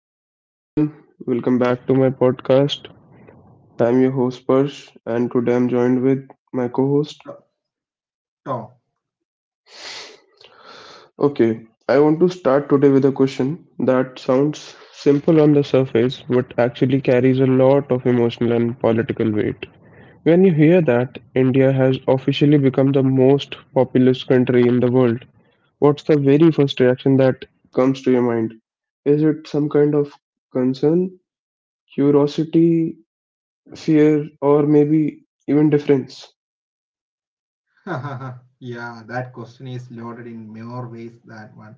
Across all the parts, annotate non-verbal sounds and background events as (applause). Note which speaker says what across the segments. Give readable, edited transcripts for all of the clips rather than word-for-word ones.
Speaker 1: Mm.
Speaker 2: Hello everyone. Welcome back to my podcast. I'm your host Parsh and today I'm joined with my co-host.
Speaker 1: To- Tom.
Speaker 2: Okay. I want to start today with a question that sounds simple on the surface but actually carries a lot of emotional and political weight. When you hear that India has officially become the most populous country in the world, what's the very first reaction that comes to your mind? Is it some kind of concern, curiosity, fear, or maybe even difference.
Speaker 1: (laughs) Yeah, that question is loaded in more ways than one.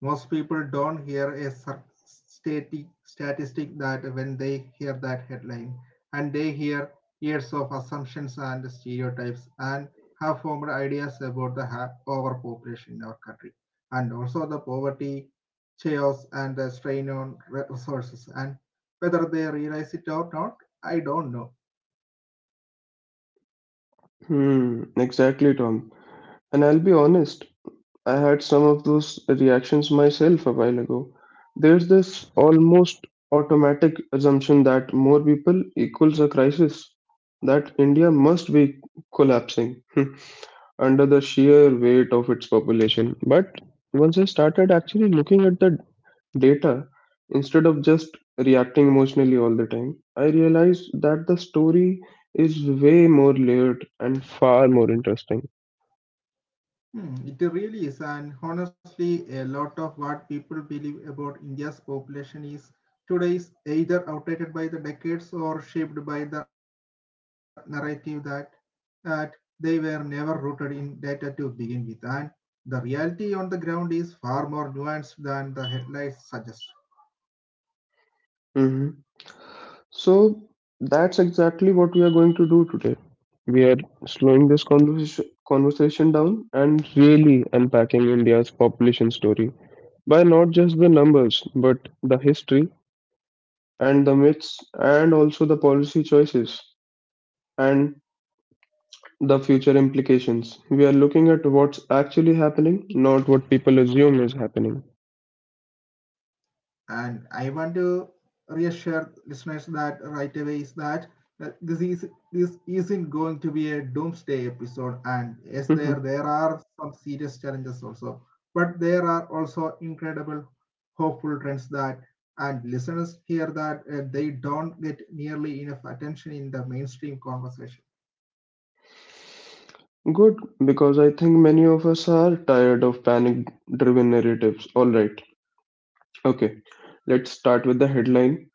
Speaker 1: Most people don't hear a statistic that when they hear that headline, and they hear years of assumptions and stereotypes and have formed ideas about the overpopulation in our country, and also the poverty, chaos, and the strain on resources. And whether they realize it or not, I don't know.
Speaker 2: Exactly, Tom. And I'll be honest, I had some of those reactions myself a while ago. There's this almost automatic assumption that more people equals a crisis, that India must be collapsing (laughs) under the sheer weight of its population. But once I started actually looking at the data instead of just reacting emotionally all the time I realized that the story is way more layered and far more interesting.
Speaker 1: Hmm, it really is, and honestly, a lot of what people believe about India's population is today is either outdated by the decades or shaped by the narrative that they were never rooted in data to begin with. And the reality on the ground is far more nuanced than the headlines suggest.
Speaker 2: hmm So that's exactly what we are going to do today. We are slowing this conversation down and really unpacking India's population story by not just the numbers, but the history and the myths and also the policy choices and the future implications. We are looking at what's actually happening, not what people assume is happening.
Speaker 1: And I want to reassure listeners that right away is that this isn't going to be a doomsday episode. And
Speaker 2: (laughs)
Speaker 1: yes, there
Speaker 2: Good,
Speaker 1: there are some serious challenges also, but there are also incredible hopeful trends that and listeners hear that they don't get nearly enough attention in the mainstream conversation.
Speaker 2: because I think many of us are tired of panic driven narratives. Alright, okay, let's start with the headline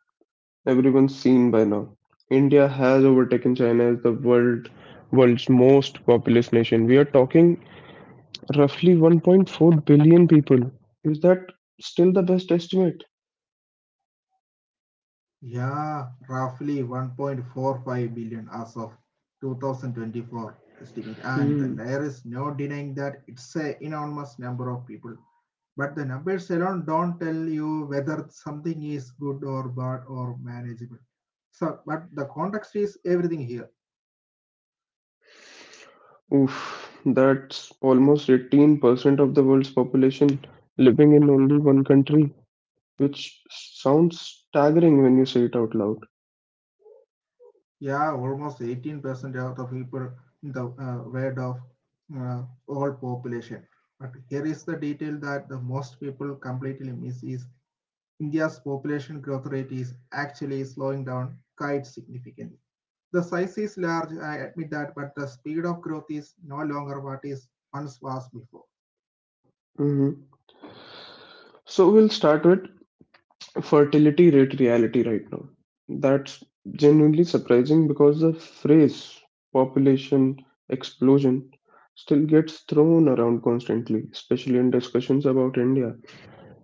Speaker 2: everyone's seen by now. India has overtaken China as the world's most populous nation. We are talking roughly 1.4 billion people. Is that still the best estimate?
Speaker 1: Yeah, roughly 1.45 billion as of 2024 estimate. And
Speaker 2: Hmm.
Speaker 1: there is no denying that it's a enormous number of people. But the numbers alone don't tell you whether something is good or bad or manageable. So, but the context is everything here.
Speaker 2: Oof, that's almost 18% of the world's population living in only one country, which sounds staggering when you say it out loud.
Speaker 1: Yeah, almost 18% of the people in the world of all population. But here is the detail that the most people completely miss is India's population growth rate is actually slowing down quite significantly. The size is large, I admit that, but the speed of growth is no longer what it once was before.
Speaker 2: hmm So we'll start with fertility rate reality right now. That's genuinely surprising because the phrase population explosion still gets thrown around constantly, especially in discussions about India.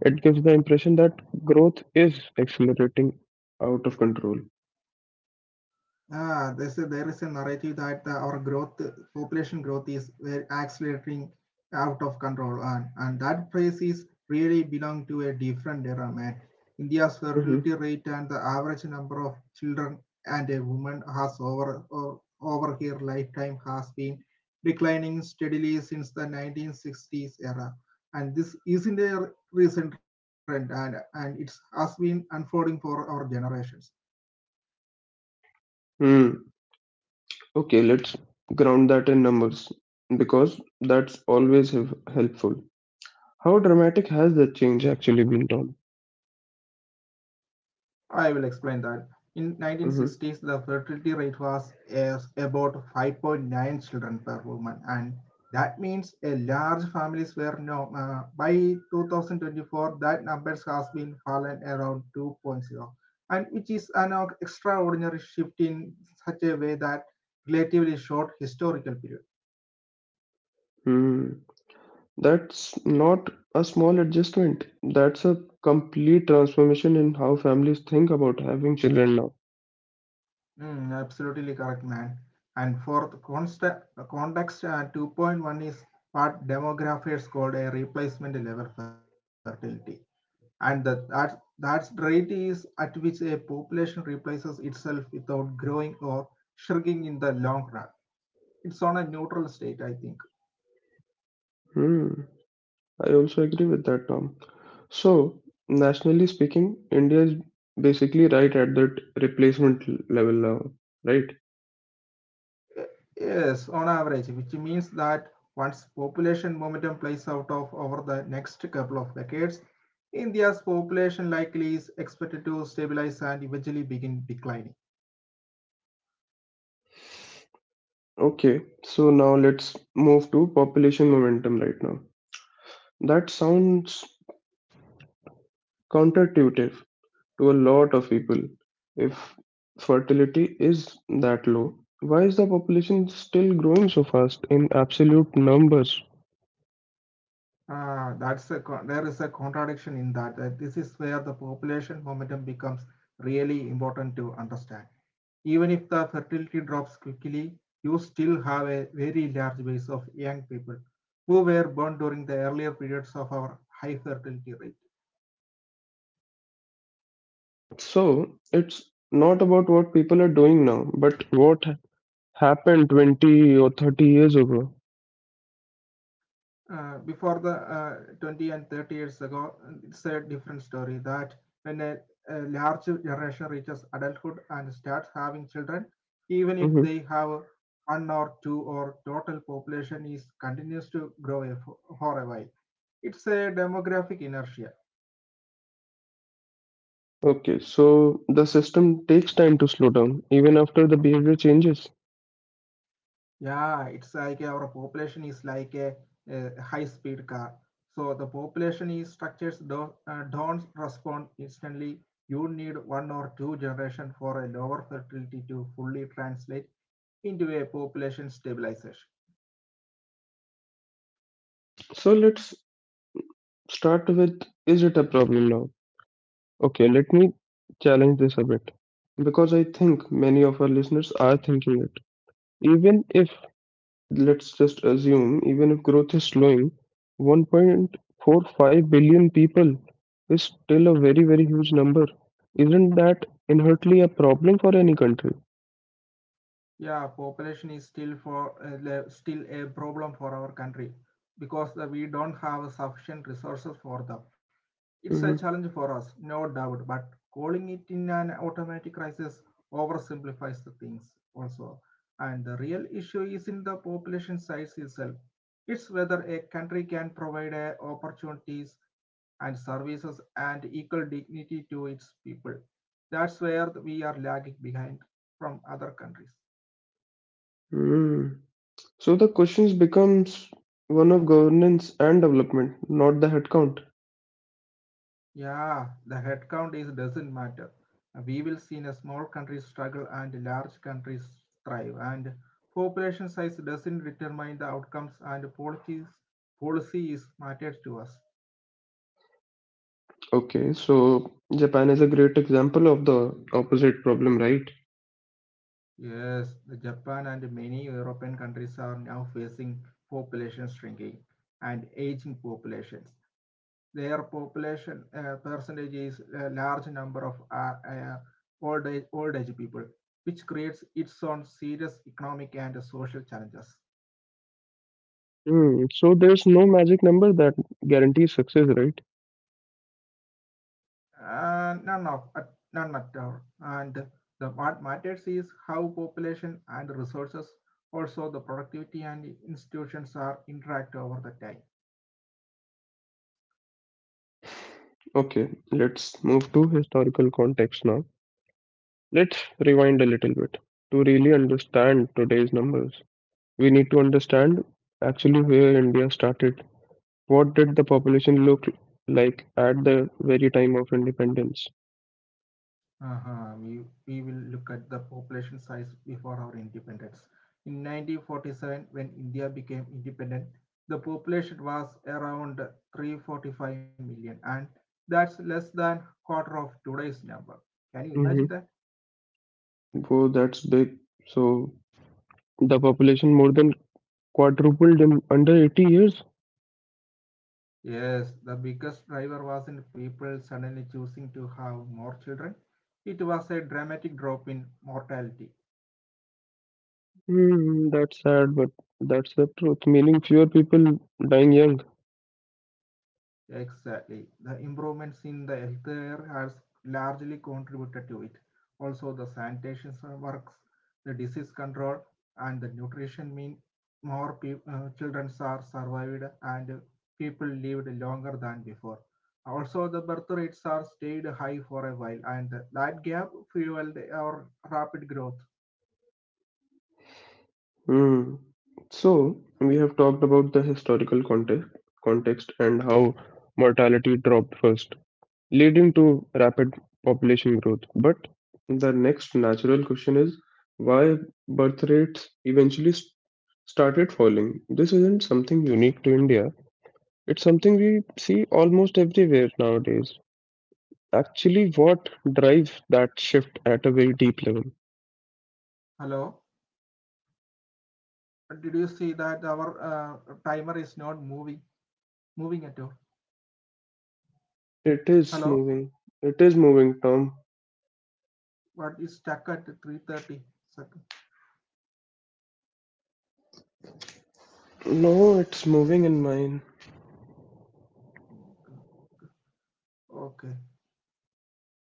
Speaker 2: It gives the impression that growth is accelerating out of control.
Speaker 1: There is a narrative that our growth, population growth is accelerating out of control, and that phrase is really belong to a different era, man. India's fertility
Speaker 2: hmm
Speaker 1: rate and the average number of children and a woman has over her lifetime has been declining steadily since the 1960s era, and this isn't a recent trend, and it has been unfolding for our generations.
Speaker 2: Hmm. Okay, let's ground that in numbers because that's always helpful. How dramatic has the change actually been, Tom?
Speaker 1: I will explain that. In 1960s, the fertility rate was as about 5.9 children per woman, and that means a large families were no. By 2024, that numbers has been fallen around 2.0, and which is an extraordinary shift in such a way that relatively short historical period.
Speaker 2: Mm-hmm. That's not a small adjustment. That's a complete transformation in how families think about having children now.
Speaker 1: Mm, absolutely correct, man. And for the the context, 2.1 is what demographers called a replacement level fertility. And that's the rate is at which a population replaces itself without growing or shrinking in the long run. It's on a neutral state, I think.
Speaker 2: Hmm. I also agree with that, Tom. So, nationally speaking, India is basically right at that replacement level now, right?
Speaker 1: Uh, Yes, on average, which means that once population momentum plays out of over the next couple of decades, India's population likely is expected to stabilize and eventually begin declining.
Speaker 2: Okay, so now let's move to population momentum right now. That sounds counterintuitive, to a lot of people. If fertility is that low, why is the population still growing so fast in absolute numbers?
Speaker 1: There is a contradiction in that. That this is where the population momentum becomes really important to understand. Even if the fertility drops quickly, you still have a very large base of young people who were born during the earlier periods of our high fertility rate.
Speaker 2: So it's not about what people are doing now, but what happened 20 or 30 years ago.
Speaker 1: Before the 20 and 30 years ago, it's a different story that when a large generation reaches adulthood and starts having children, even if
Speaker 2: hmm
Speaker 1: they have one or two or total population is continues to for a while. It's a demographic inertia.
Speaker 2: Okay, so the system takes time to slow down even after the behavior changes.
Speaker 1: Yeah, it's like our population is like a high-speed car. So the population is structures don't respond instantly. You need one or two generation for a lower fertility to fully translate into a population stabilization.
Speaker 2: So let's start with is it a problem now? Okay, let me challenge this a bit because I think many of our listeners are thinking it. Even if, let's just assume, even if growth is slowing, 1.45 billion people is still a very, very huge number. Isn't that inherently a problem for any country?
Speaker 1: Yeah, population is still for still a problem for our country because we don't have sufficient resources for them. It's a challenge for us, no doubt, but calling it in an automatic crisis oversimplifies the things also. And the real issue is in the population size itself. It's whether a country can provide opportunities and services and equal dignity to its people. That's where we are lagging behind from other countries.
Speaker 2: Mm-hmm. So the questions becomes one of governance and development, not the headcount.
Speaker 1: Yeah, the headcount is doesn't matter. We will see in a small country struggle and large countries thrive. And population size doesn't determine the outcomes and policies policy is matters to us.
Speaker 2: Okay, so Japan is a great example of the opposite problem, right?
Speaker 1: Yes, Japan and many European countries are now facing population shrinking and aging populations. Their population percentage is a large number of old age people, which creates its own serious economic and social challenges.
Speaker 2: Hmm. So there's no magic number that guarantees success, right?
Speaker 1: Uh, none of uh, None at all. And the what matters is how population and resources, also the productivity and institutions are interact over the time.
Speaker 2: Okay, let's move to historical context now. Let's rewind a little bit. To really understand today's numbers, we need to understand actually where India started. What did the population look like at the very time of independence?
Speaker 1: Uh-huh. We will look at the population size before our independence. In 1947, when India became independent, the population was around 345 million, and that's less than quarter of today's number. Can you
Speaker 2: Mm-hmm.
Speaker 1: imagine that?
Speaker 2: Whoa, that's big. So the population more than quadrupled in under 80 years.
Speaker 1: Yes, the biggest driver wasn't people suddenly choosing to have more children. It was a dramatic drop in mortality.
Speaker 2: That's sad, but that's the truth. Meaning fewer people dying young.
Speaker 1: Exactly. The improvements in the health care has largely contributed to it. Also, the sanitation works, the disease control, and the nutrition mean more peop children are survived and people lived longer than before. Also, the birth rates are stayed high for a while, and that gap fueled our rapid growth.
Speaker 2: Mm. So, we have talked about the historical context and how mortality dropped first, leading to rapid population growth. But the next natural question is why birth rates eventually started falling. This isn't something unique to India, it's something we see almost everywhere nowadays. Actually, what drives that shift at a very deep level?
Speaker 1: Hello, did you see that our timer is not moving at all?
Speaker 2: It is
Speaker 1: Hello.
Speaker 2: moving. It is moving, Tom.
Speaker 1: What is stuck at 3:30.
Speaker 2: No, it's moving in mine.
Speaker 1: Okay,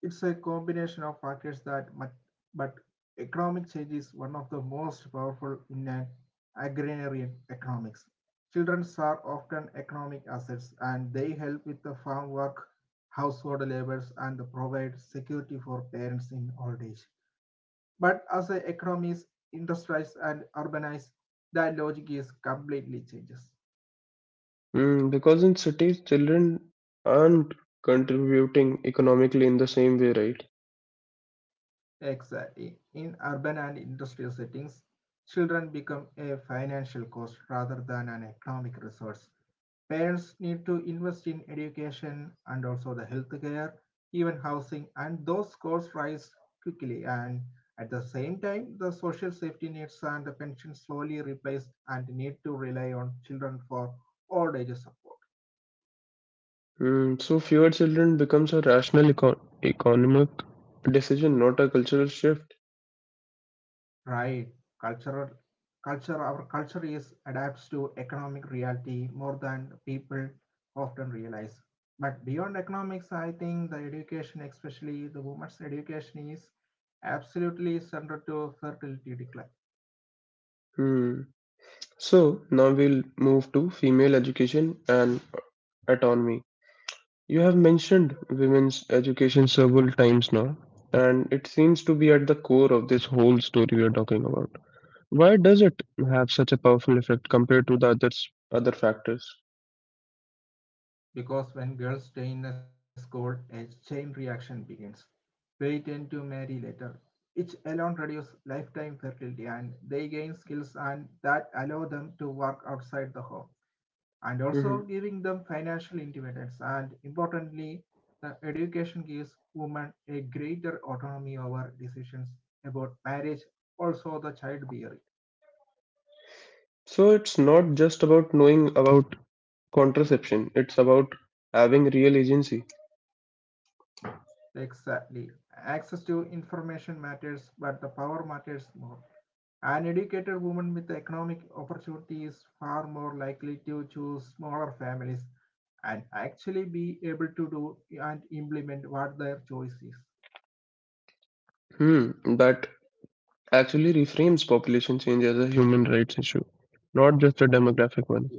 Speaker 1: it's a combination of factors that much, but economic change is one of the most powerful in an agrarian economics. Children are often economic assets and they help with the farm work, household labors, and provide security for parents in old age. But as the economies industrialize and urbanize, that logic is completely changes.
Speaker 2: Mm, because in cities, children aren't contributing economically in the same way, right?
Speaker 1: Exactly. In urban and industrial settings, children become a financial cost rather than an economic resource. Parents need to invest in education and also the healthcare, even housing, and those costs rise quickly. And at the same time, the social safety nets and the pension slowly replaced and need to rely on children for old age support.
Speaker 2: Mm, so fewer children becomes a rational economic decision, not a cultural shift.
Speaker 1: Right. Cultural culture our culture is adapts to economic reality more than people often realize. But beyond economics, I think the education, especially the women's education, is absolutely central to fertility decline.
Speaker 2: Hmm. So now we'll move to female education and autonomy. You have mentioned women's education several times now, and it seems to be at the core of this whole story we are talking about. Why does it have such a powerful effect compared to the other factors?
Speaker 1: Because when girls stay in a school, a chain reaction begins. They tend to marry later. Each alone reduce lifetime fertility and they gain skills and that allow them to work outside the home and also
Speaker 2: hmm
Speaker 1: giving them financial independence. And importantly, the education gives women a greater autonomy over decisions about marriage, also the childbearing.
Speaker 2: So it's not just about knowing about contraception; it's about having real agency.
Speaker 1: Exactly. Access to information matters, but the power matters more. An educated woman with economic opportunity is far more likely to choose smaller families and actually be able to do and implement what their choice is.
Speaker 2: Hmm, that actually reframes population change as a human rights issue, not just a demographic one.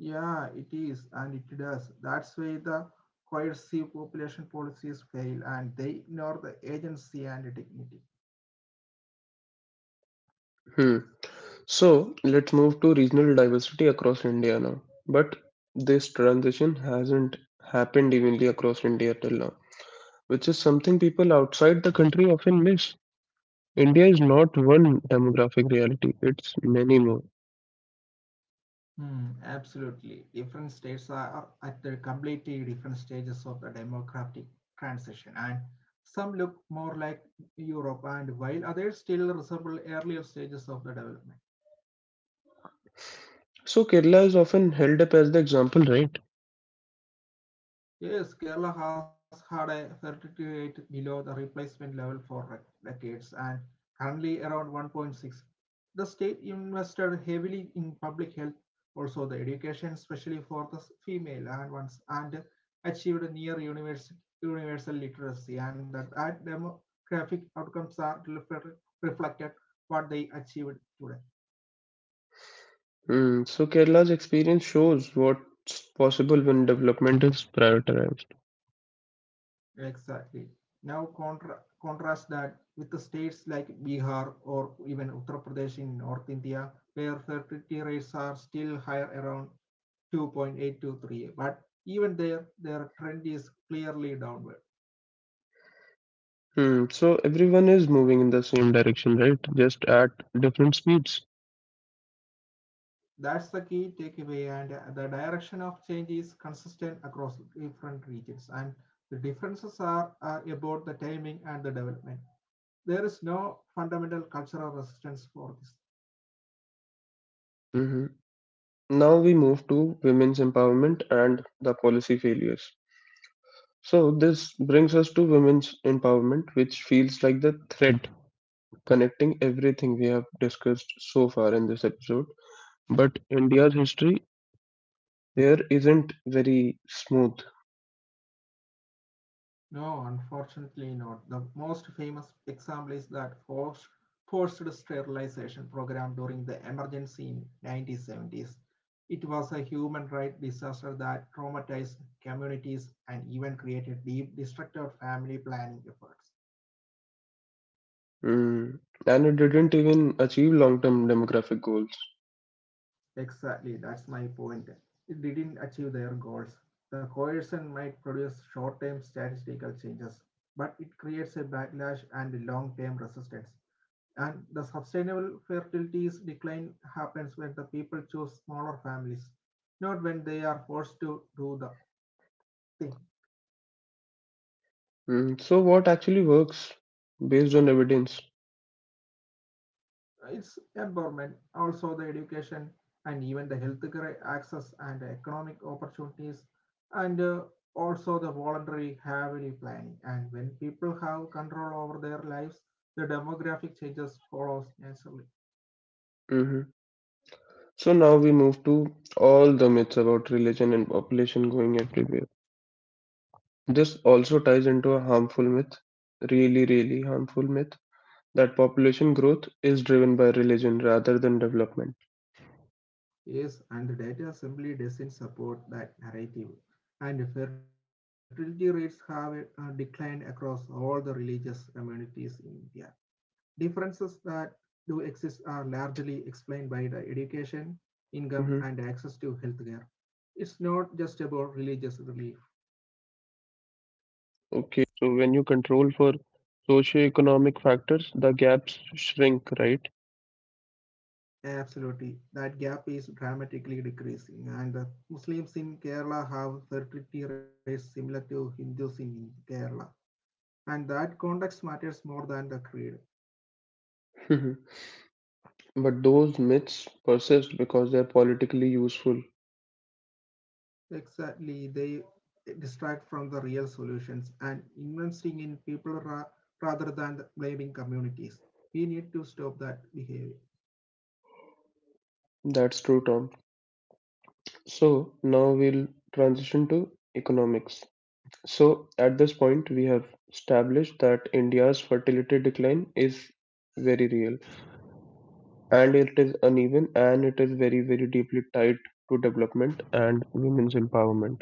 Speaker 1: Yeah, it is, and it does. That's why the coercive population policies fail and they ignore the agency and dignity.
Speaker 2: Hmm. So let's move to regional diversity across India now. But this transition hasn't happened evenly across India till now, which is something people outside the country often miss. India is not one demographic reality, it's many more.
Speaker 1: Hmm, absolutely. Different states are at the completely different stages of the democratic transition, and some look more like Europe, and while others still resemble earlier stages of the development.
Speaker 2: So Kerala is often held up as the example, right?
Speaker 1: Yes, Kerala has had a fertility rate below the replacement level for decades and currently around 1.6. The state invested heavily in public health, also the education, especially for the female and ones, and achieved near universal literacy. And that demographic outcomes are reflected what they achieved today.
Speaker 2: Mm, so Kerala's experience shows what's possible when development is prioritized.
Speaker 1: Exactly. Now contrast that with the states like Bihar or even Uttar Pradesh in North India, where fertility rates are still higher around 2.8 to 3. But even there, their trend is clearly downward.
Speaker 2: So everyone is moving in the same direction, right? Just at different speeds.
Speaker 1: That's the key takeaway, and the direction of change is consistent across different regions, and the differences are about the timing and the development. There is no fundamental cultural resistance for this.
Speaker 2: hmm Now we move to women's empowerment and the policy failures. So this brings us to women's empowerment, which feels like the thread connecting everything we have discussed so far in this episode. But India's history here isn't very smooth.
Speaker 1: No, unfortunately not. The most famous example is that forced sterilization program during the emergency in 1970s. It was a human rights disaster that traumatized communities and even created deep destructive family planning efforts.
Speaker 2: Mm. And it didn't even achieve long term demographic goals.
Speaker 1: Exactly, that's my point. It didn't achieve their goals. The coercion might produce short term statistical changes, but it creates a backlash and long term resistance. And the sustainable fertility's decline happens when the people choose smaller families, not when they are forced to do the thing.
Speaker 2: Mm. So, what actually works based on evidence?
Speaker 1: It's empowerment, also the education and even the healthcare access and economic opportunities, and also the voluntary family planning. And when people have control over their lives, the demographic changes follows naturally.
Speaker 2: hmm So, now we move to all the myths about religion and population going everywhere. This also ties into a harmful myth, really, really harmful myth, that population growth is driven by religion rather than development.
Speaker 1: Yes, and the data simply doesn't support that narrative. And fertility rates have declined across all the religious communities in India. Differences that do exist are largely explained by the education,
Speaker 2: Mhm.
Speaker 1: income, and access to healthcare. It's not just about religious belief.
Speaker 2: Okay, so when you control for socioeconomic factors, the gaps shrink, right?
Speaker 1: Absolutely, that gap is dramatically decreasing, and Muslims in Kerala have fertility rates similar to Hindus in Kerala. And that context matters more than the creed.
Speaker 2: Mhm. But those myths persist because they're politically useful.
Speaker 1: Exactly, they distract from the real solutions and investing in people rather than blaming communities. We need to stop that behavior.
Speaker 2: That's true, Tom. So now we'll transition to economics. So at this point, we have established that India's fertility decline is very real and it is uneven and it is very, very deeply tied to development and women's empowerment.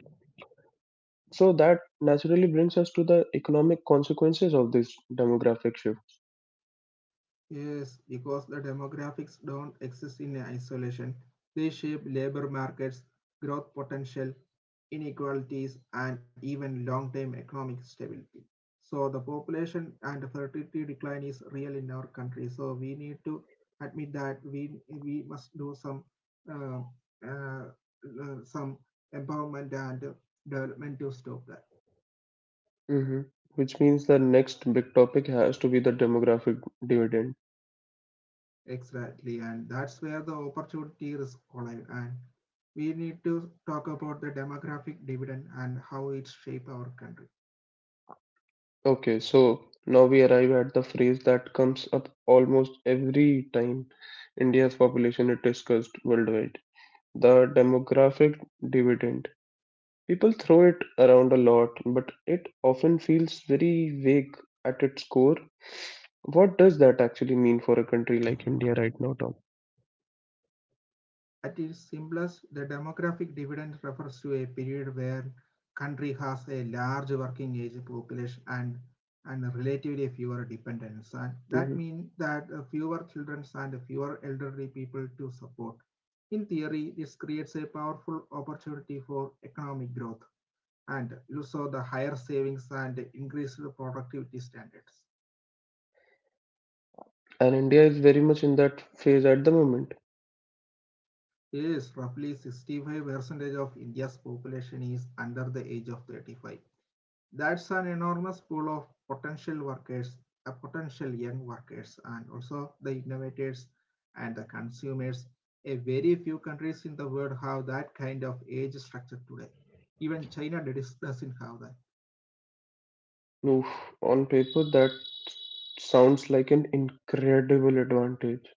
Speaker 2: So that naturally brings us to the economic consequences of this demographic shift.
Speaker 1: Yes, because the demographics don't exist in isolation. They shape labor markets, growth potential, inequalities, and even long term economic stability. So, the population and fertility decline is real in our country. So, we need to admit that we must do uh, uh, some empowerment and development to stop that.
Speaker 2: Hmm which means the next big topic has to be the demographic dividend.
Speaker 1: Exactly, and that's where the opportunity risk collide. And we need to talk about the demographic dividend and how it shapes our country.
Speaker 2: Okay, so now we arrive at the phrase that comes up almost every time India's population is discussed worldwide. The demographic dividend. People throw it around a lot, but it often feels very vague at its core. What does that actually mean for a country like India right now, Tom?
Speaker 1: At its simplest, the demographic dividend refers to a period where country has a large working age population and relatively fewer dependents. And that means that fewer children and fewer elderly people to support. In theory, this creates a powerful opportunity for economic growth and you saw the higher savings and increased productivity standards.
Speaker 2: And India is very much in that phase at the moment.
Speaker 1: Yes, roughly 65% of India's population is under the age of 35. That's an enormous pool of potential workers, potential young workers, and also the innovators and the consumers. A very few countries in the world have that kind of age structure today. Even not have that.
Speaker 2: Oof, on paper, that sounds like an incredible advantage.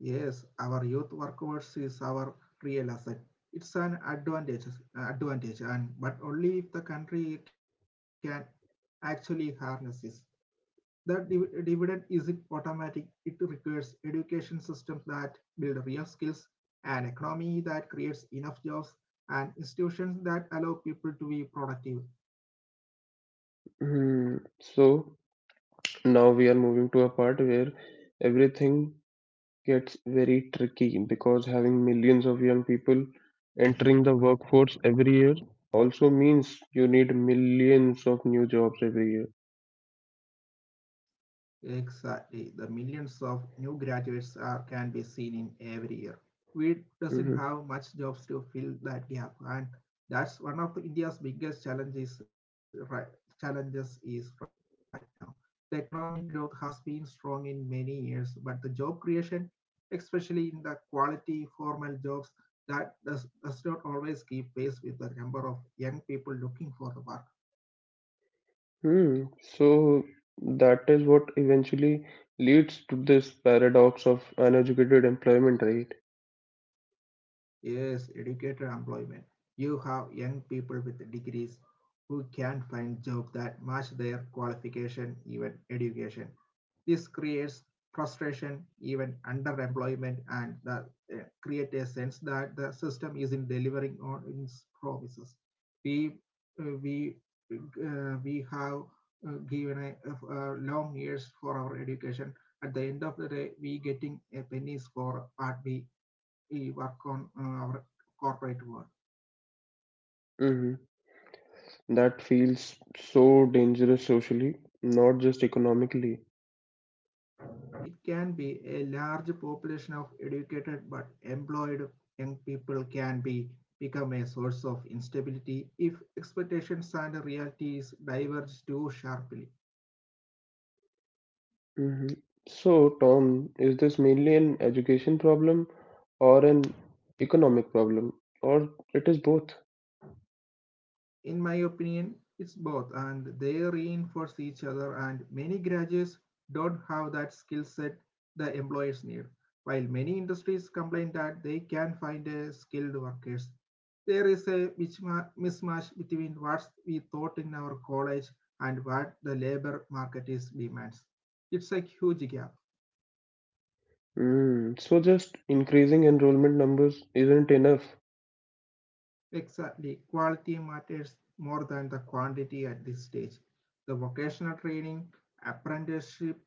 Speaker 1: Yes, our youth workforce is our real asset. It's an advantage, and but only if the country can actually harness this. The dividend isn't automatic. It requires education systems that build real skills, an economy that creates enough jobs, and institutions that allow people to be productive.
Speaker 2: Hmm. So now we are moving to a part where everything gets very tricky because having millions of young people entering the workforce every year also means you need millions of new jobs every year.
Speaker 1: Exactly. The millions of new graduates are, can be seen in every year. We doesn't have
Speaker 2: Mm-hmm.
Speaker 1: much jobs to fill that gap, and that's one of the India's biggest challenges is right now. The economic growth has been strong in many years, but the job creation, especially in the quality formal jobs, that does not always keep pace with the number of young people looking for the work.
Speaker 2: Hmm. So that is what eventually leads to this paradox of uneducated employment, right?
Speaker 1: Yes, educator employment. You have young people with degrees who can't find jobs that match their qualification, even education. This creates frustration, even underemployment, and create a sense that the system isn't delivering on its promises. We uh, we we have given a, long years for our education. At the end of the day, we getting a pennies for what we work on our corporate world.
Speaker 2: hmm That feels so dangerous socially, not just economically.
Speaker 1: It can be a large population of educated but employed young people can be become a source of instability if expectations and realities diverge too sharply.
Speaker 2: hmm So, Tom, is this mainly an education problem or an economic problem, or it is both?
Speaker 1: In my opinion, it's both and they reinforce each other and many graduates don't have that skill set the employers need. While many industries complain that they can not find a skilled workers, there is a mismatch between what we taught in our college and what the labor market is demands. It's a huge gap.
Speaker 2: Mm, so just increasing enrollment numbers isn't enough.
Speaker 1: Exactly. Quality matters more than the quantity at this stage. The vocational training, apprenticeship,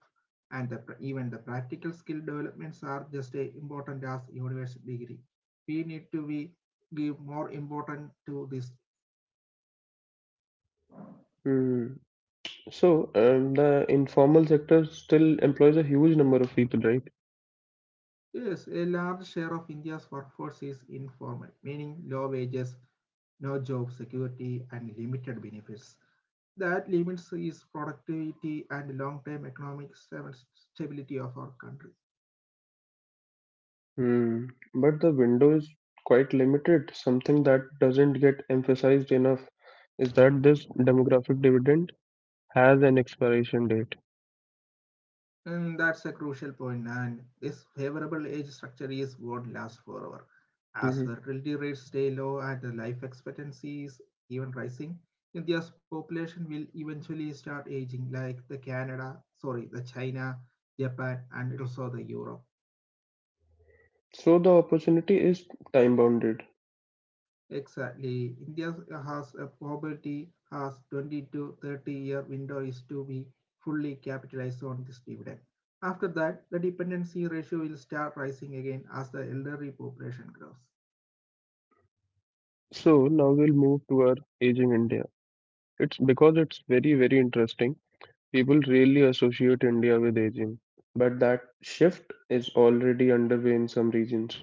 Speaker 1: and even the practical skill developments are just as important as university degree. We need to be give more importance to this.
Speaker 2: Hmm. So, the informal sector still employs a huge number of people, right?
Speaker 1: Yes, a large share of India's workforce is informal, meaning low wages, no job security, and limited benefits. That limits its productivity and long-term economic stability of our country.
Speaker 2: Hmm. But the window is quite limited. Something that doesn't get emphasized enough is that this demographic dividend has an expiration date.
Speaker 1: And that's a crucial point, and this favorable age structure is won't last forever. As
Speaker 2: hmm
Speaker 1: fertility rates stay low and the life expectancy is even rising, India's population will eventually start aging like the Canada, sorry, the China, Japan, and also the Europe.
Speaker 2: So, the opportunity is time bounded.
Speaker 1: Exactly. India has a poverty has 20 to 30 year window is to be fully capitalized on this dividend. After that, the dependency ratio will start rising again as the elderly population grows.
Speaker 2: So, now we'll move to our aging India. It's because it's very, very interesting. People really associate India with aging, but that shift is already underway in some regions.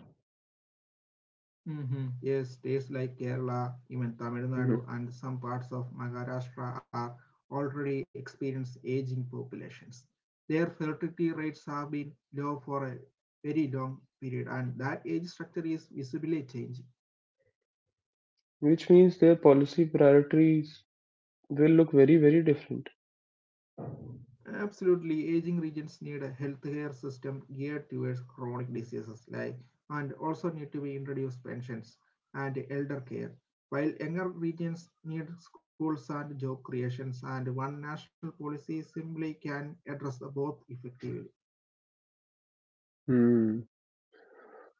Speaker 1: Mhm. Yes, states like Kerala, even Tamil
Speaker 2: Hmm.
Speaker 1: Nadu, and some parts of Maharashtra are already experiencing aging populations. Their fertility rates have been low for a very long period, and that age structure is visibly changing.
Speaker 2: Which means their policy priorities will look very, very different.
Speaker 1: Absolutely, aging regions need a healthcare system geared towards chronic diseases like and also need to be introduced pensions and elder care, while younger regions need schools and job creations and one national policy simply can address the both effectively.
Speaker 2: Hmm.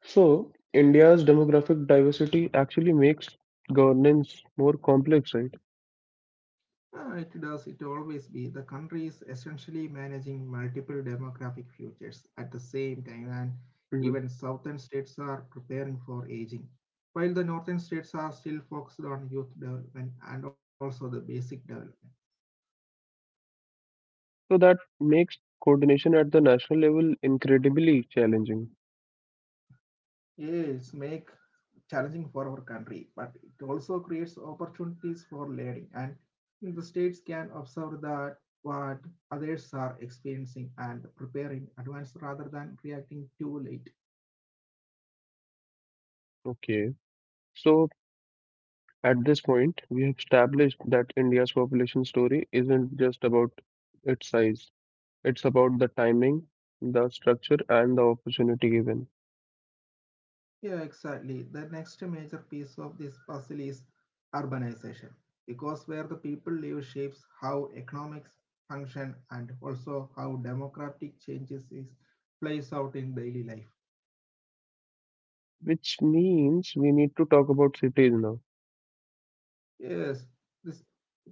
Speaker 2: So, India's demographic diversity actually makes governance more complex, right?
Speaker 1: It does, it always be. The country is essentially managing multiple demographic futures at the same time, and
Speaker 2: hmm
Speaker 1: even southern states are preparing for aging, while the northern states are still focused on youth development and also the basic development.
Speaker 2: So, that makes coordination at the national level incredibly challenging.
Speaker 1: Yes, make challenging for our country, but it also creates opportunities for learning, and the states can observe that what others are experiencing and prepare in advance rather than reacting too late.
Speaker 2: Okay. So, at this point, we have established that India's population story isn't just about its size, it's about the timing, the structure, and the opportunity given,
Speaker 1: Yeah, exactly. The next major piece of this puzzle is urbanization, because where the people live shapes how economics function and also how democratic changes is plays out in daily life.
Speaker 2: which means we need to talk about cities now.
Speaker 1: Yes, this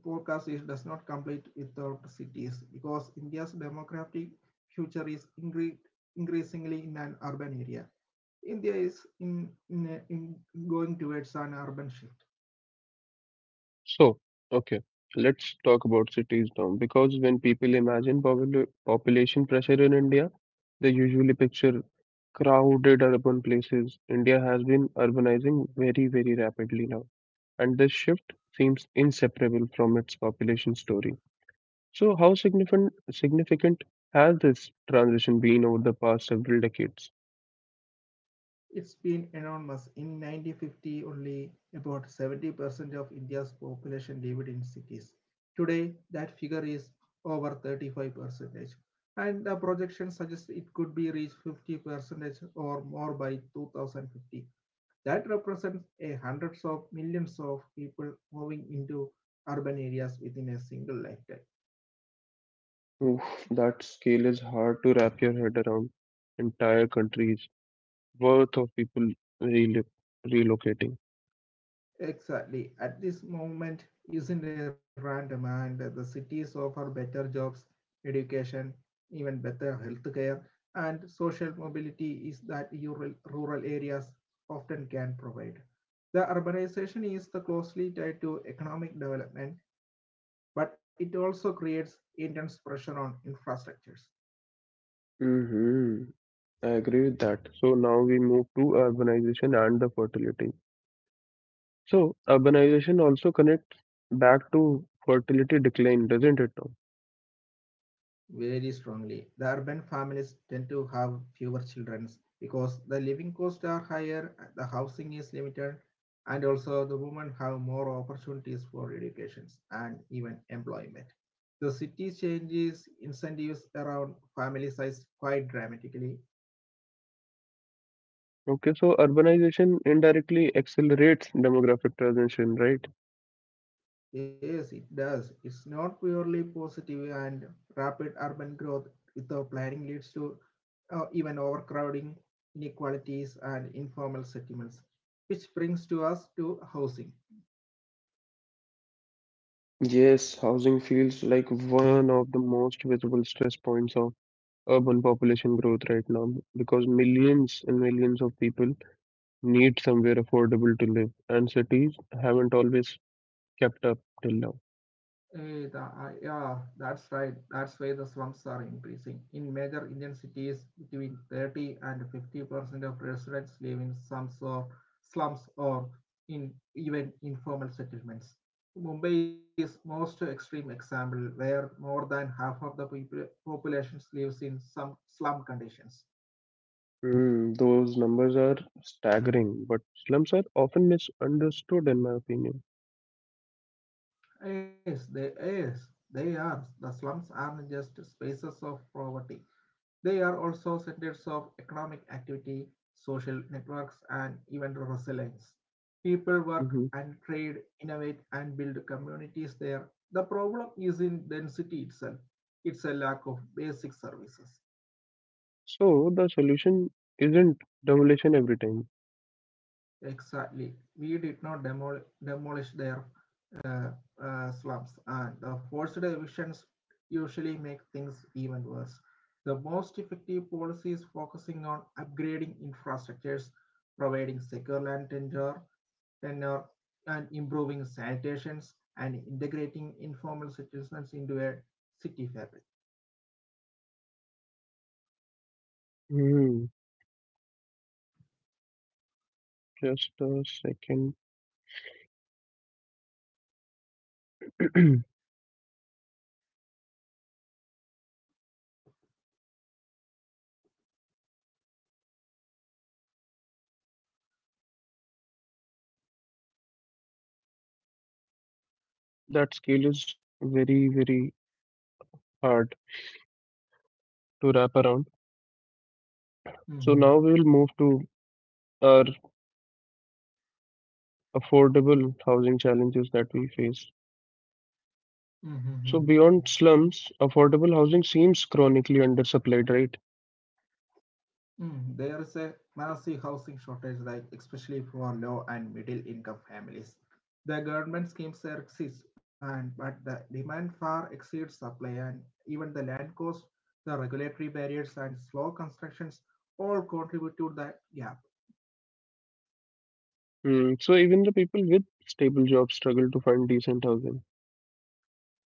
Speaker 1: podcast is, does not complete without cities, because India's democratic future is increasingly in an urban area. India is in going towards an urban shift.
Speaker 2: So, okay, let's talk about cities now because when people imagine population pressure in India, they usually picture crowded urban places. India has been urbanizing very, very rapidly now, and this shift seems inseparable from its population story. So, how significant has this transition been over the past several decades?
Speaker 1: It's been enormous. In 1950, only about 70% of India's population lived in cities. Today, that figure is over 35%, and the projection suggests it could be reached 50% or more by 2050. That represents a hundreds of millions of people moving into urban areas within a single lifetime.
Speaker 2: Oof, that scale is hard to wrap your head around. Entire countries, worth of people relo- relocating.
Speaker 1: Exactly. At this moment, isn't it random and the cities offer better jobs, education, even better healthcare, and social mobility is that rural areas often can provide. The urbanization is the closely tied to economic development, but it also creates intense pressure on infrastructures.
Speaker 2: hmm I agree with that. So now we move to urbanization and the fertility. So urbanization also connects back to fertility decline, doesn't it, Tom?
Speaker 1: Very strongly. The urban families tend to have fewer children because the living costs are higher, the housing is limited, and also the women have more opportunities for educations and even employment. The city's changes incentives around family size quite dramatically.
Speaker 2: Okay, so urbanization indirectly accelerates demographic transition, right?
Speaker 1: Yes, it does. It's not purely positive, and rapid urban growth without planning leads to even overcrowding, inequalities, and informal settlements, which brings to us to housing.
Speaker 2: Yes, housing feels like one of the most visible stress points of urban population growth right now because millions and millions of people need somewhere affordable to live, and cities haven't always kept up till now.
Speaker 1: Yeah, that's right. That's why the slums are increasing. In major Indian cities, between 30 and 50% of residents live in slums or in even informal settlements. Mumbai is most extreme example, where more than half of the people population lives in some slum conditions.
Speaker 2: Mm, those numbers are staggering, but slums are often misunderstood, in my opinion.
Speaker 1: Yes, they are. The slums aren't just spaces of poverty. They are also centers of economic activity, social networks, and even resilience. People work
Speaker 2: hmm
Speaker 1: and trade, innovate, and build communities there. The problem isn't density itself, it's a lack of basic services.
Speaker 2: So, the solution isn't demolition every time.
Speaker 1: Exactly. We did not demolish their uh, slums, and the forced evictions usually make things even worse. The most effective policy is focusing on upgrading infrastructures, providing secure land tenure, and improving sanitations, and integrating informal citizens into a city fabric.
Speaker 2: Mm, just a second. (clears throat) That scale is very, very hard to wrap around. So,
Speaker 1: Mm-hmm.
Speaker 2: now we'll move to our affordable housing challenges that we face. So
Speaker 1: Mm-hmm.
Speaker 2: beyond slums, affordable housing seems chronically undersupplied, right?
Speaker 1: Mm, there is a massive housing shortage, like especially for low and middle income families. The government schemes exist, and but the demand far exceeds supply, and even the land cost, the regulatory barriers, and slow constructions all contribute to that gap.
Speaker 2: Hmm. So even the people with stable jobs struggle to find decent housing.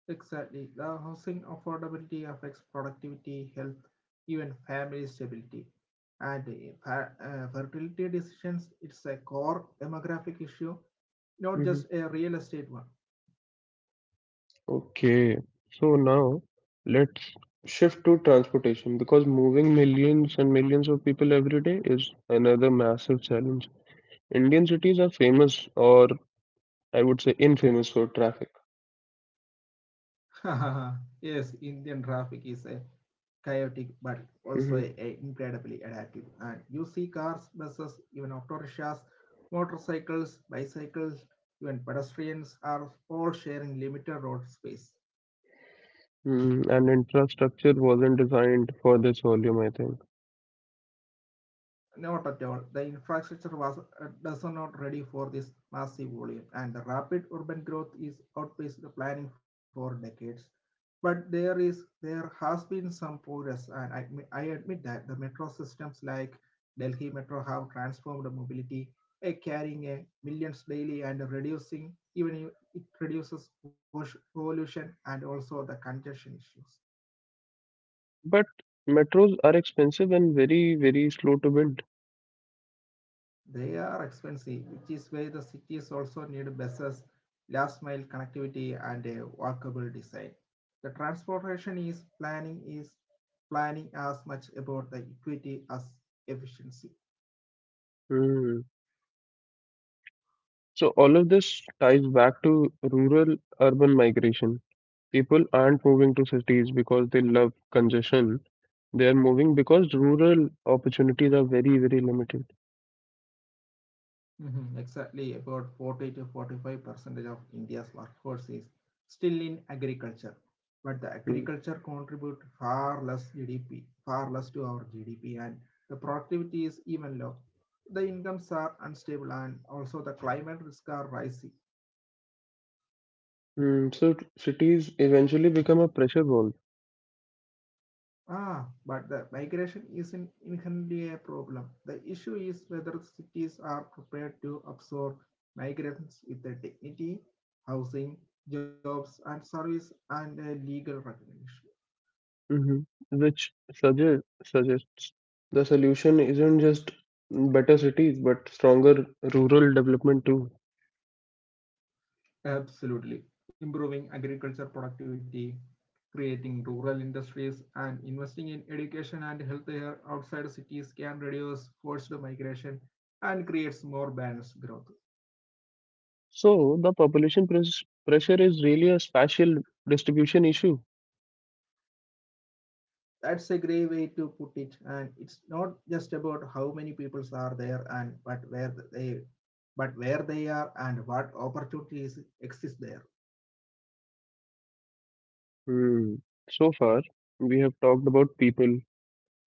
Speaker 1: Exactly, the housing affordability affects productivity, health, even family stability, and fertility decisions. It's a core demographic issue, not
Speaker 2: Hmm.
Speaker 1: just a real estate one.
Speaker 2: Okay. So now let's shift to transportation because moving millions and millions of people every day is another massive challenge. Indian cities are famous, or I would say infamous, for traffic.
Speaker 1: (laughs) Yes, Indian traffic is a chaotic but also a
Speaker 2: Hmm.
Speaker 1: incredibly adaptive. And you see cars, buses, even autorickshaws, motorcycles, bicycles, even pedestrians are all sharing limited road space.
Speaker 2: Mm, and infrastructure wasn't designed for this volume, I think.
Speaker 1: Not at all. The infrastructure was does not ready for this massive volume, and the rapid urban growth is outpaced the planning for decades. But there has been some progress, and I admit that the metro systems like Delhi Metro have transformed the mobility, carrying a millions daily and reducing even it reduces pollution and also the congestion issues.
Speaker 2: But metros are expensive and very, very slow to build.
Speaker 1: They are expensive, which is why the cities also need buses, last mile connectivity, and a walkable design. The transportation is planning as much about the equity as efficiency.
Speaker 2: Hmm. So all of this ties back to rural urban migration. People aren't moving to cities because they love congestion. They are moving because rural opportunities are very, very limited.
Speaker 1: Mhm, exactly, about 40 to 45 percentage of India's workforce is still in agriculture, but the
Speaker 2: Hmm.
Speaker 1: agriculture contribute far less GDP, far less to our GDP, and the productivity is even low. The incomes are unstable, and also the climate risks are rising.
Speaker 2: Hmm. So cities eventually become a pressure valve,
Speaker 1: Ah, but the migration isn't inherently a problem. The issue is whether cities are prepared to absorb migrants with the dignity, housing, jobs, and service and a legal recognition.
Speaker 2: hmm, which suggests the solution isn't just better cities, but stronger rural development too.
Speaker 1: Absolutely. Improving agriculture productivity, creating rural industries, and investing in education and healthcare outside cities can reduce forced migration and creates more balanced growth.
Speaker 2: So the population pressure is really a spatial distribution issue.
Speaker 1: That's a great way to put it, and it's not just about how many people are there and but where they are and what opportunities exist there.
Speaker 2: Hmm. So far, we have talked about people,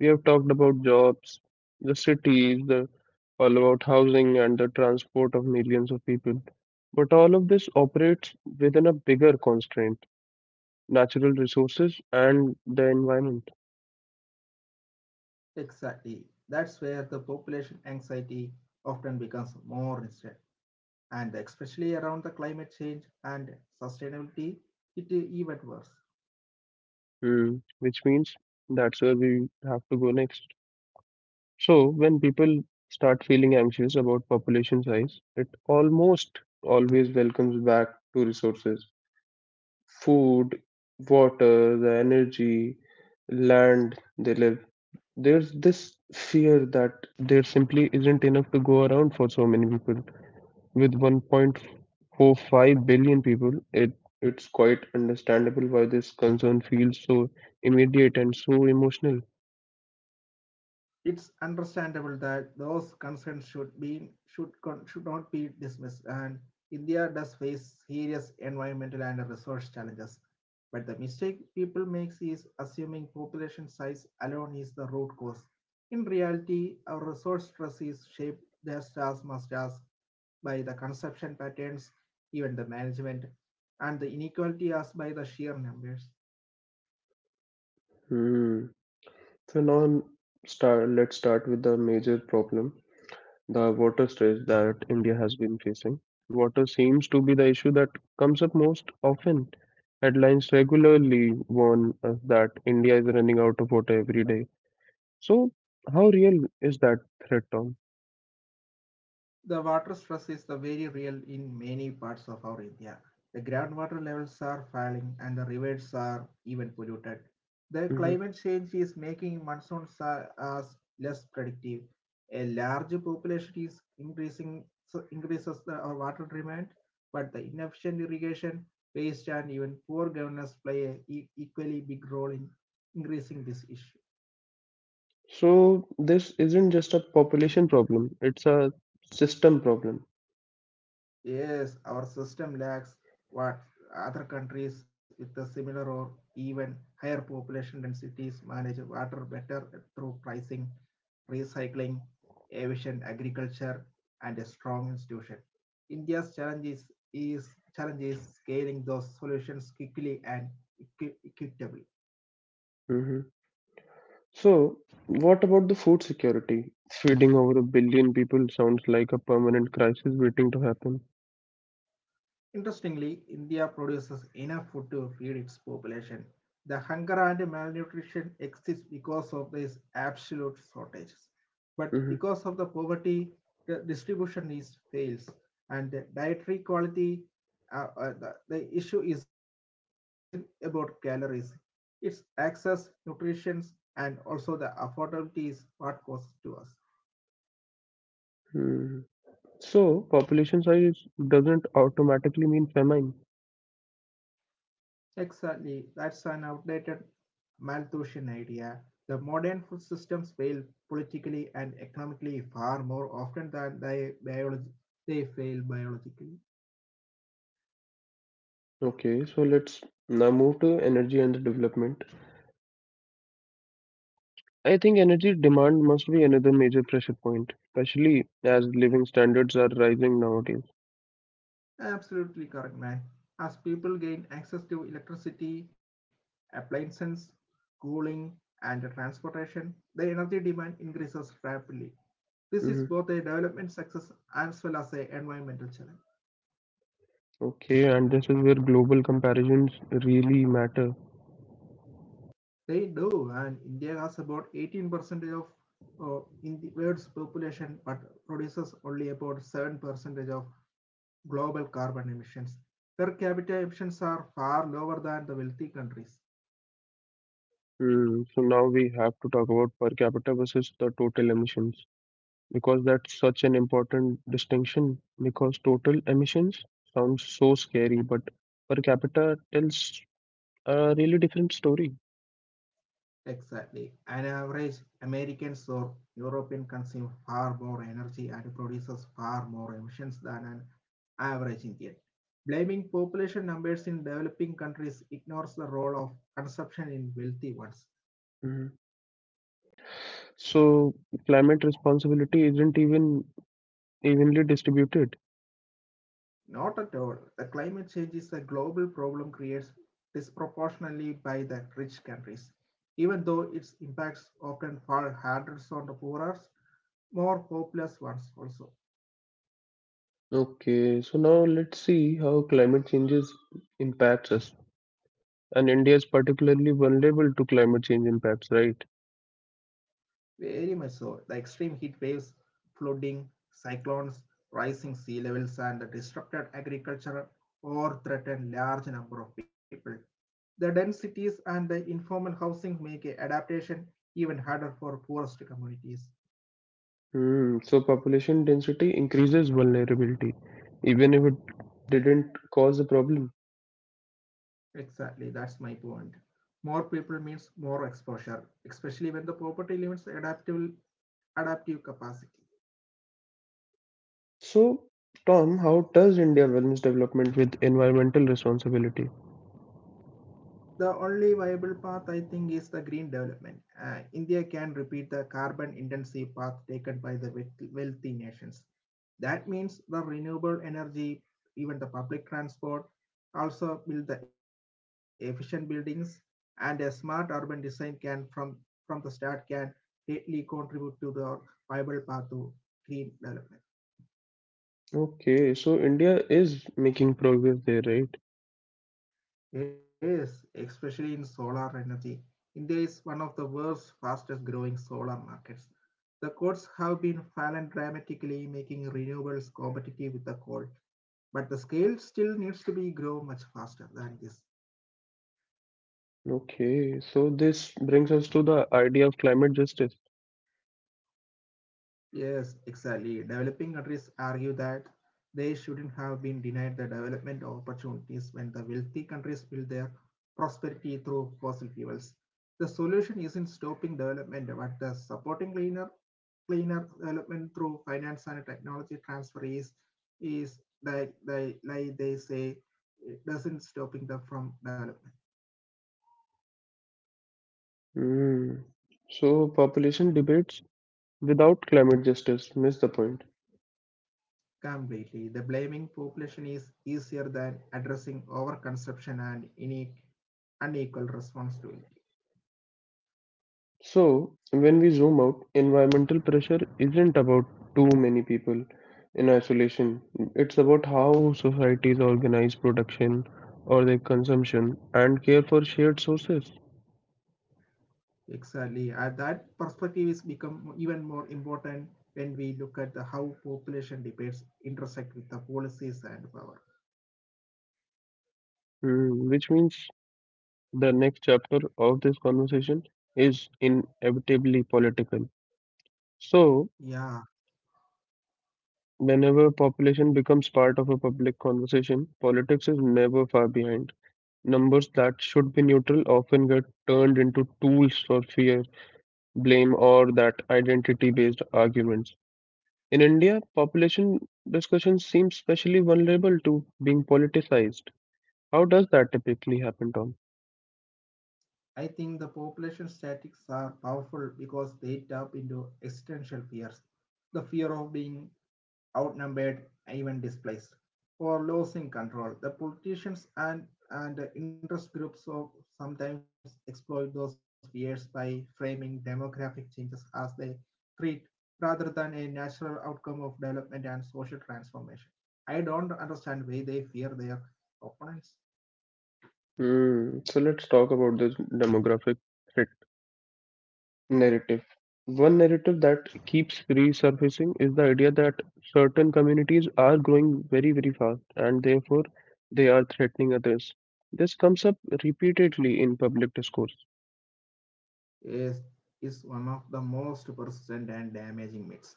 Speaker 2: we have talked about jobs, the cities, the all about housing and the transport of millions of people. But all of this operates within a bigger constraint, natural resources and the environment.
Speaker 1: Exactly, that's where the population anxiety often becomes more instant, and especially around the climate change and sustainability, it is even worse.
Speaker 2: Hmm. Which means that's where we have to go next. So, when people start feeling anxious about population size, it almost always welcomes back to resources food, water, the energy, land they live. There's this fear that there simply isn't enough to go around for so many people. With 1.45 billion people, it it's quite understandable why this concern feels so immediate and so emotional.
Speaker 1: It's understandable that those concerns should not be dismissed, and India does face serious environmental and resource challenges, but the mistake people makes is assuming population size alone is the root cause. In reality, our resource stress is shaped just as much as by the consumption patterns, even the management and the inequality, as by the sheer numbers.
Speaker 2: Hmm. So now I'm start, let's start with the major problem, the water stress that India has been facing. Water seems to be the issue that comes up most often. Headlines regularly warn us that India is running out of water every day. So how real is that threat, Tom?
Speaker 1: The water stress is the very real in many parts of our India. The groundwater levels are falling and the rivers are even polluted. The climate
Speaker 2: Hmm.
Speaker 1: change is making monsoons as less predictive. A large population is increasing so increases our water demand, but the inefficient irrigation, waste, and even poor governance play an e equally big role in increasing this issue.
Speaker 2: So this isn't just a population problem, it's a system problem.
Speaker 1: Yes, our system lacks what other countries with a similar or even higher population densities manage water better through pricing, recycling, efficient agriculture, and a strong institution. India's challenge is scaling those solutions quickly and equitably.
Speaker 2: Mhm. So, what about the food security? Feeding over a billion people sounds like a permanent crisis waiting to happen.
Speaker 1: Interestingly, India produces enough food to feed its population. The hunger and malnutrition exists because of these absolute shortages. But because of the poverty, the distribution is fails and the dietary quality. The issue isn't about calories; it's access, nutrition, and also the affordability is what causes to us.
Speaker 2: Hmm. So, population size doesn't automatically mean famine.
Speaker 1: Exactly. That's an outdated Malthusian idea. The modern food systems fail politically and economically far more often than they fail biologically.
Speaker 2: Okay, so let's now move to energy and development. I think energy demand must be another major pressure point, especially as living standards are rising nowadays.
Speaker 1: Absolutely correct, man. As people gain access to electricity, appliances, cooling, and transportation, the energy demand increases rapidly. This is
Speaker 2: Hmm.
Speaker 1: both a development success as well as a environmental challenge.
Speaker 2: Okay, and this is where global comparisons really matter.
Speaker 1: They do, and India has about 18% of in the world's population, but produces only about 7% of global carbon emissions. Per capita emissions are far lower than the wealthy countries.
Speaker 2: Mm, so now we have to talk about per capita versus the total emissions because that's such an important distinction because total emissions sounds so scary, but per capita tells a really different story.
Speaker 1: Exactly. On average, Americans or Europeans consume far more energy and produces far more emissions than an average Indian. Blaming population numbers in developing countries ignores the role of consumption in wealthy ones.
Speaker 2: Mhm. So climate responsibility isn't even evenly distributed.
Speaker 1: Not at all. The climate change is a global problem created disproportionately by the rich countries, even though its impacts often fall hardest on the poorer, more populous ones also.
Speaker 2: Okay, so now let's see how climate changes impacts us. And India is particularly vulnerable to climate change impacts, right?
Speaker 1: Very much so. The extreme heat waves, flooding, cyclones, rising sea levels, and the disrupted agriculture all threaten large number of people. The densities and the informal housing make adaptation even harder for poorest communities.
Speaker 2: Hmm. So population density increases vulnerability, even if it didn't cause a problem.
Speaker 1: Exactly, that's my point. More people means more exposure, especially when the property limits adaptable adaptive capacity.
Speaker 2: So, Tom, how does India balance development with environmental responsibility?
Speaker 1: The only viable path I think is the green development. India can repeat the carbon intensive path taken by the wealthy nations. That means the renewable energy, even the public transport, also build the efficient buildings and a smart urban design can from the start can greatly contribute to the viable path to green development.
Speaker 2: Okay, so India is making progress there, right?
Speaker 1: Yes, especially in solar energy. India is one of the world's fastest growing solar markets. The costs have been fallen dramatically, making renewables competitive with the coal. But the scale still needs to be grow much faster than this.
Speaker 2: Okay, so this brings us to the idea of climate justice.
Speaker 1: Yes, exactly. Developing countries argue that they shouldn't have been denied the development opportunities when the wealthy countries build their prosperity through fossil fuels. The solution isn't stopping development, but the supporting cleaner cleaner development through finance and technology transfer is like they say it doesn't stopping them from development
Speaker 2: Hmm. So population debates without climate justice miss the point.
Speaker 1: completely. The blaming population is easier than addressing overconsumption and unique unequal responsibility.
Speaker 2: So, when we zoom out, environmental pressure isn't about too many people in isolation. It's about how societies organize production or their consumption and care for shared sources.
Speaker 1: Exactly. And that perspective is become even more important when we look at the how population debates intersect with the policies and power.
Speaker 2: Hmm, which means the next chapter of this conversation is inevitably political. So,
Speaker 1: Yeah,
Speaker 2: whenever population becomes part of a public conversation, politics is never far behind. Numbers that should be neutral often get turned into tools for fear blame or that identity based arguments. In India, population discussion seems especially vulnerable to being politicized. How does that typically happen, Tom?
Speaker 1: I think the population statistics are powerful because they tap into existential fears, the fear of being outnumbered, even displaced, or losing control. The politicians and interest groups of sometimes exploit those fears by framing demographic changes as a threat, rather than a natural outcome of development and social transformation. I don't understand why they fear their opponents.
Speaker 2: Hmm. So let's talk about this demographic threat narrative. One narrative that keeps resurfacing is the idea that certain communities are growing very, very fast and therefore they are threatening others. This comes up repeatedly in public discourse.
Speaker 1: is, is one of the most persistent and damaging myths.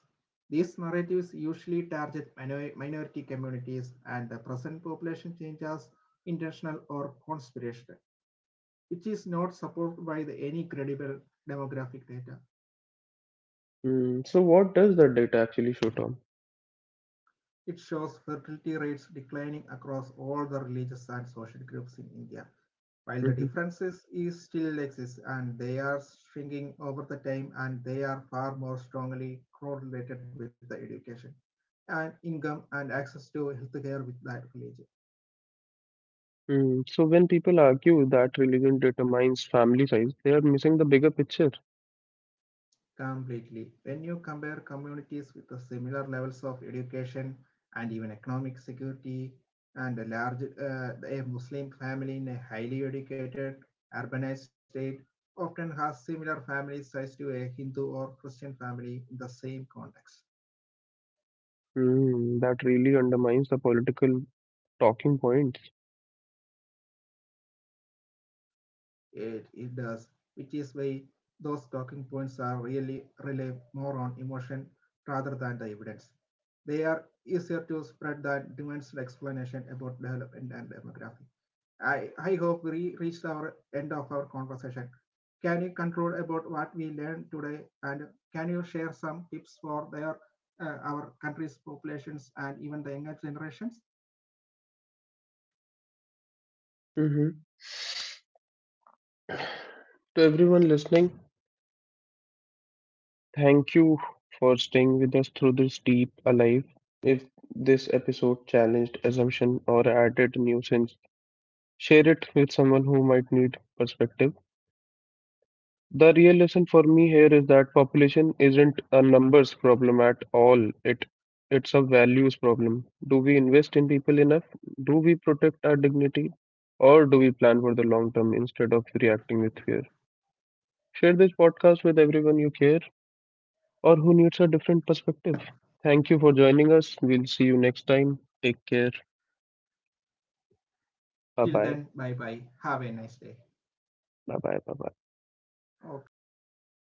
Speaker 1: These narratives usually target minority communities, and the present population change as intentional or conspirational, which is not supported by any credible demographic data.
Speaker 2: Hmm. So, what does the data actually show, Tom?
Speaker 1: It shows fertility rates declining across all the religious and social groups in India. While the differences is still exist and they are shrinking over the time, and they are far more strongly correlated with the education and income and access to healthcare with that religion.
Speaker 2: Mm, so when people argue that religion determines family size, they are missing the bigger picture.
Speaker 1: Completely. When you compare communities with the similar levels of education and even economic security, and a large a Muslim family in a highly educated urbanized state often has similar family size to a Hindu or Christian family in the same context.
Speaker 2: Mm, that really undermines the political talking points.
Speaker 1: It does, which is why those talking points are really rely more on emotion rather than the evidence. They are easier to spread than demands explanation about development and demography. I hope we reached our end of our conversation. Can you conclude about what we learned today, and can you share some tips for their our country's populations and even the younger generations?
Speaker 2: Hmm. To everyone listening, thank you for staying with us through this deep alive. If this episode challenged assumption or added nuisance, share it with someone who might need perspective. The real lesson for me here is that population isn't a numbers problem at all. It's a values problem. Do we invest in people enough? Do we protect our dignity? Or do we plan for the long term instead of reacting with fear? Share this podcast with everyone you care or who needs a different perspective. Thank you for joining us. We'll see you next time. Take care. Bye bye.
Speaker 1: Till then, bye bye. Have a nice day.
Speaker 2: Bye bye. Bye bye.
Speaker 1: Okay, okay.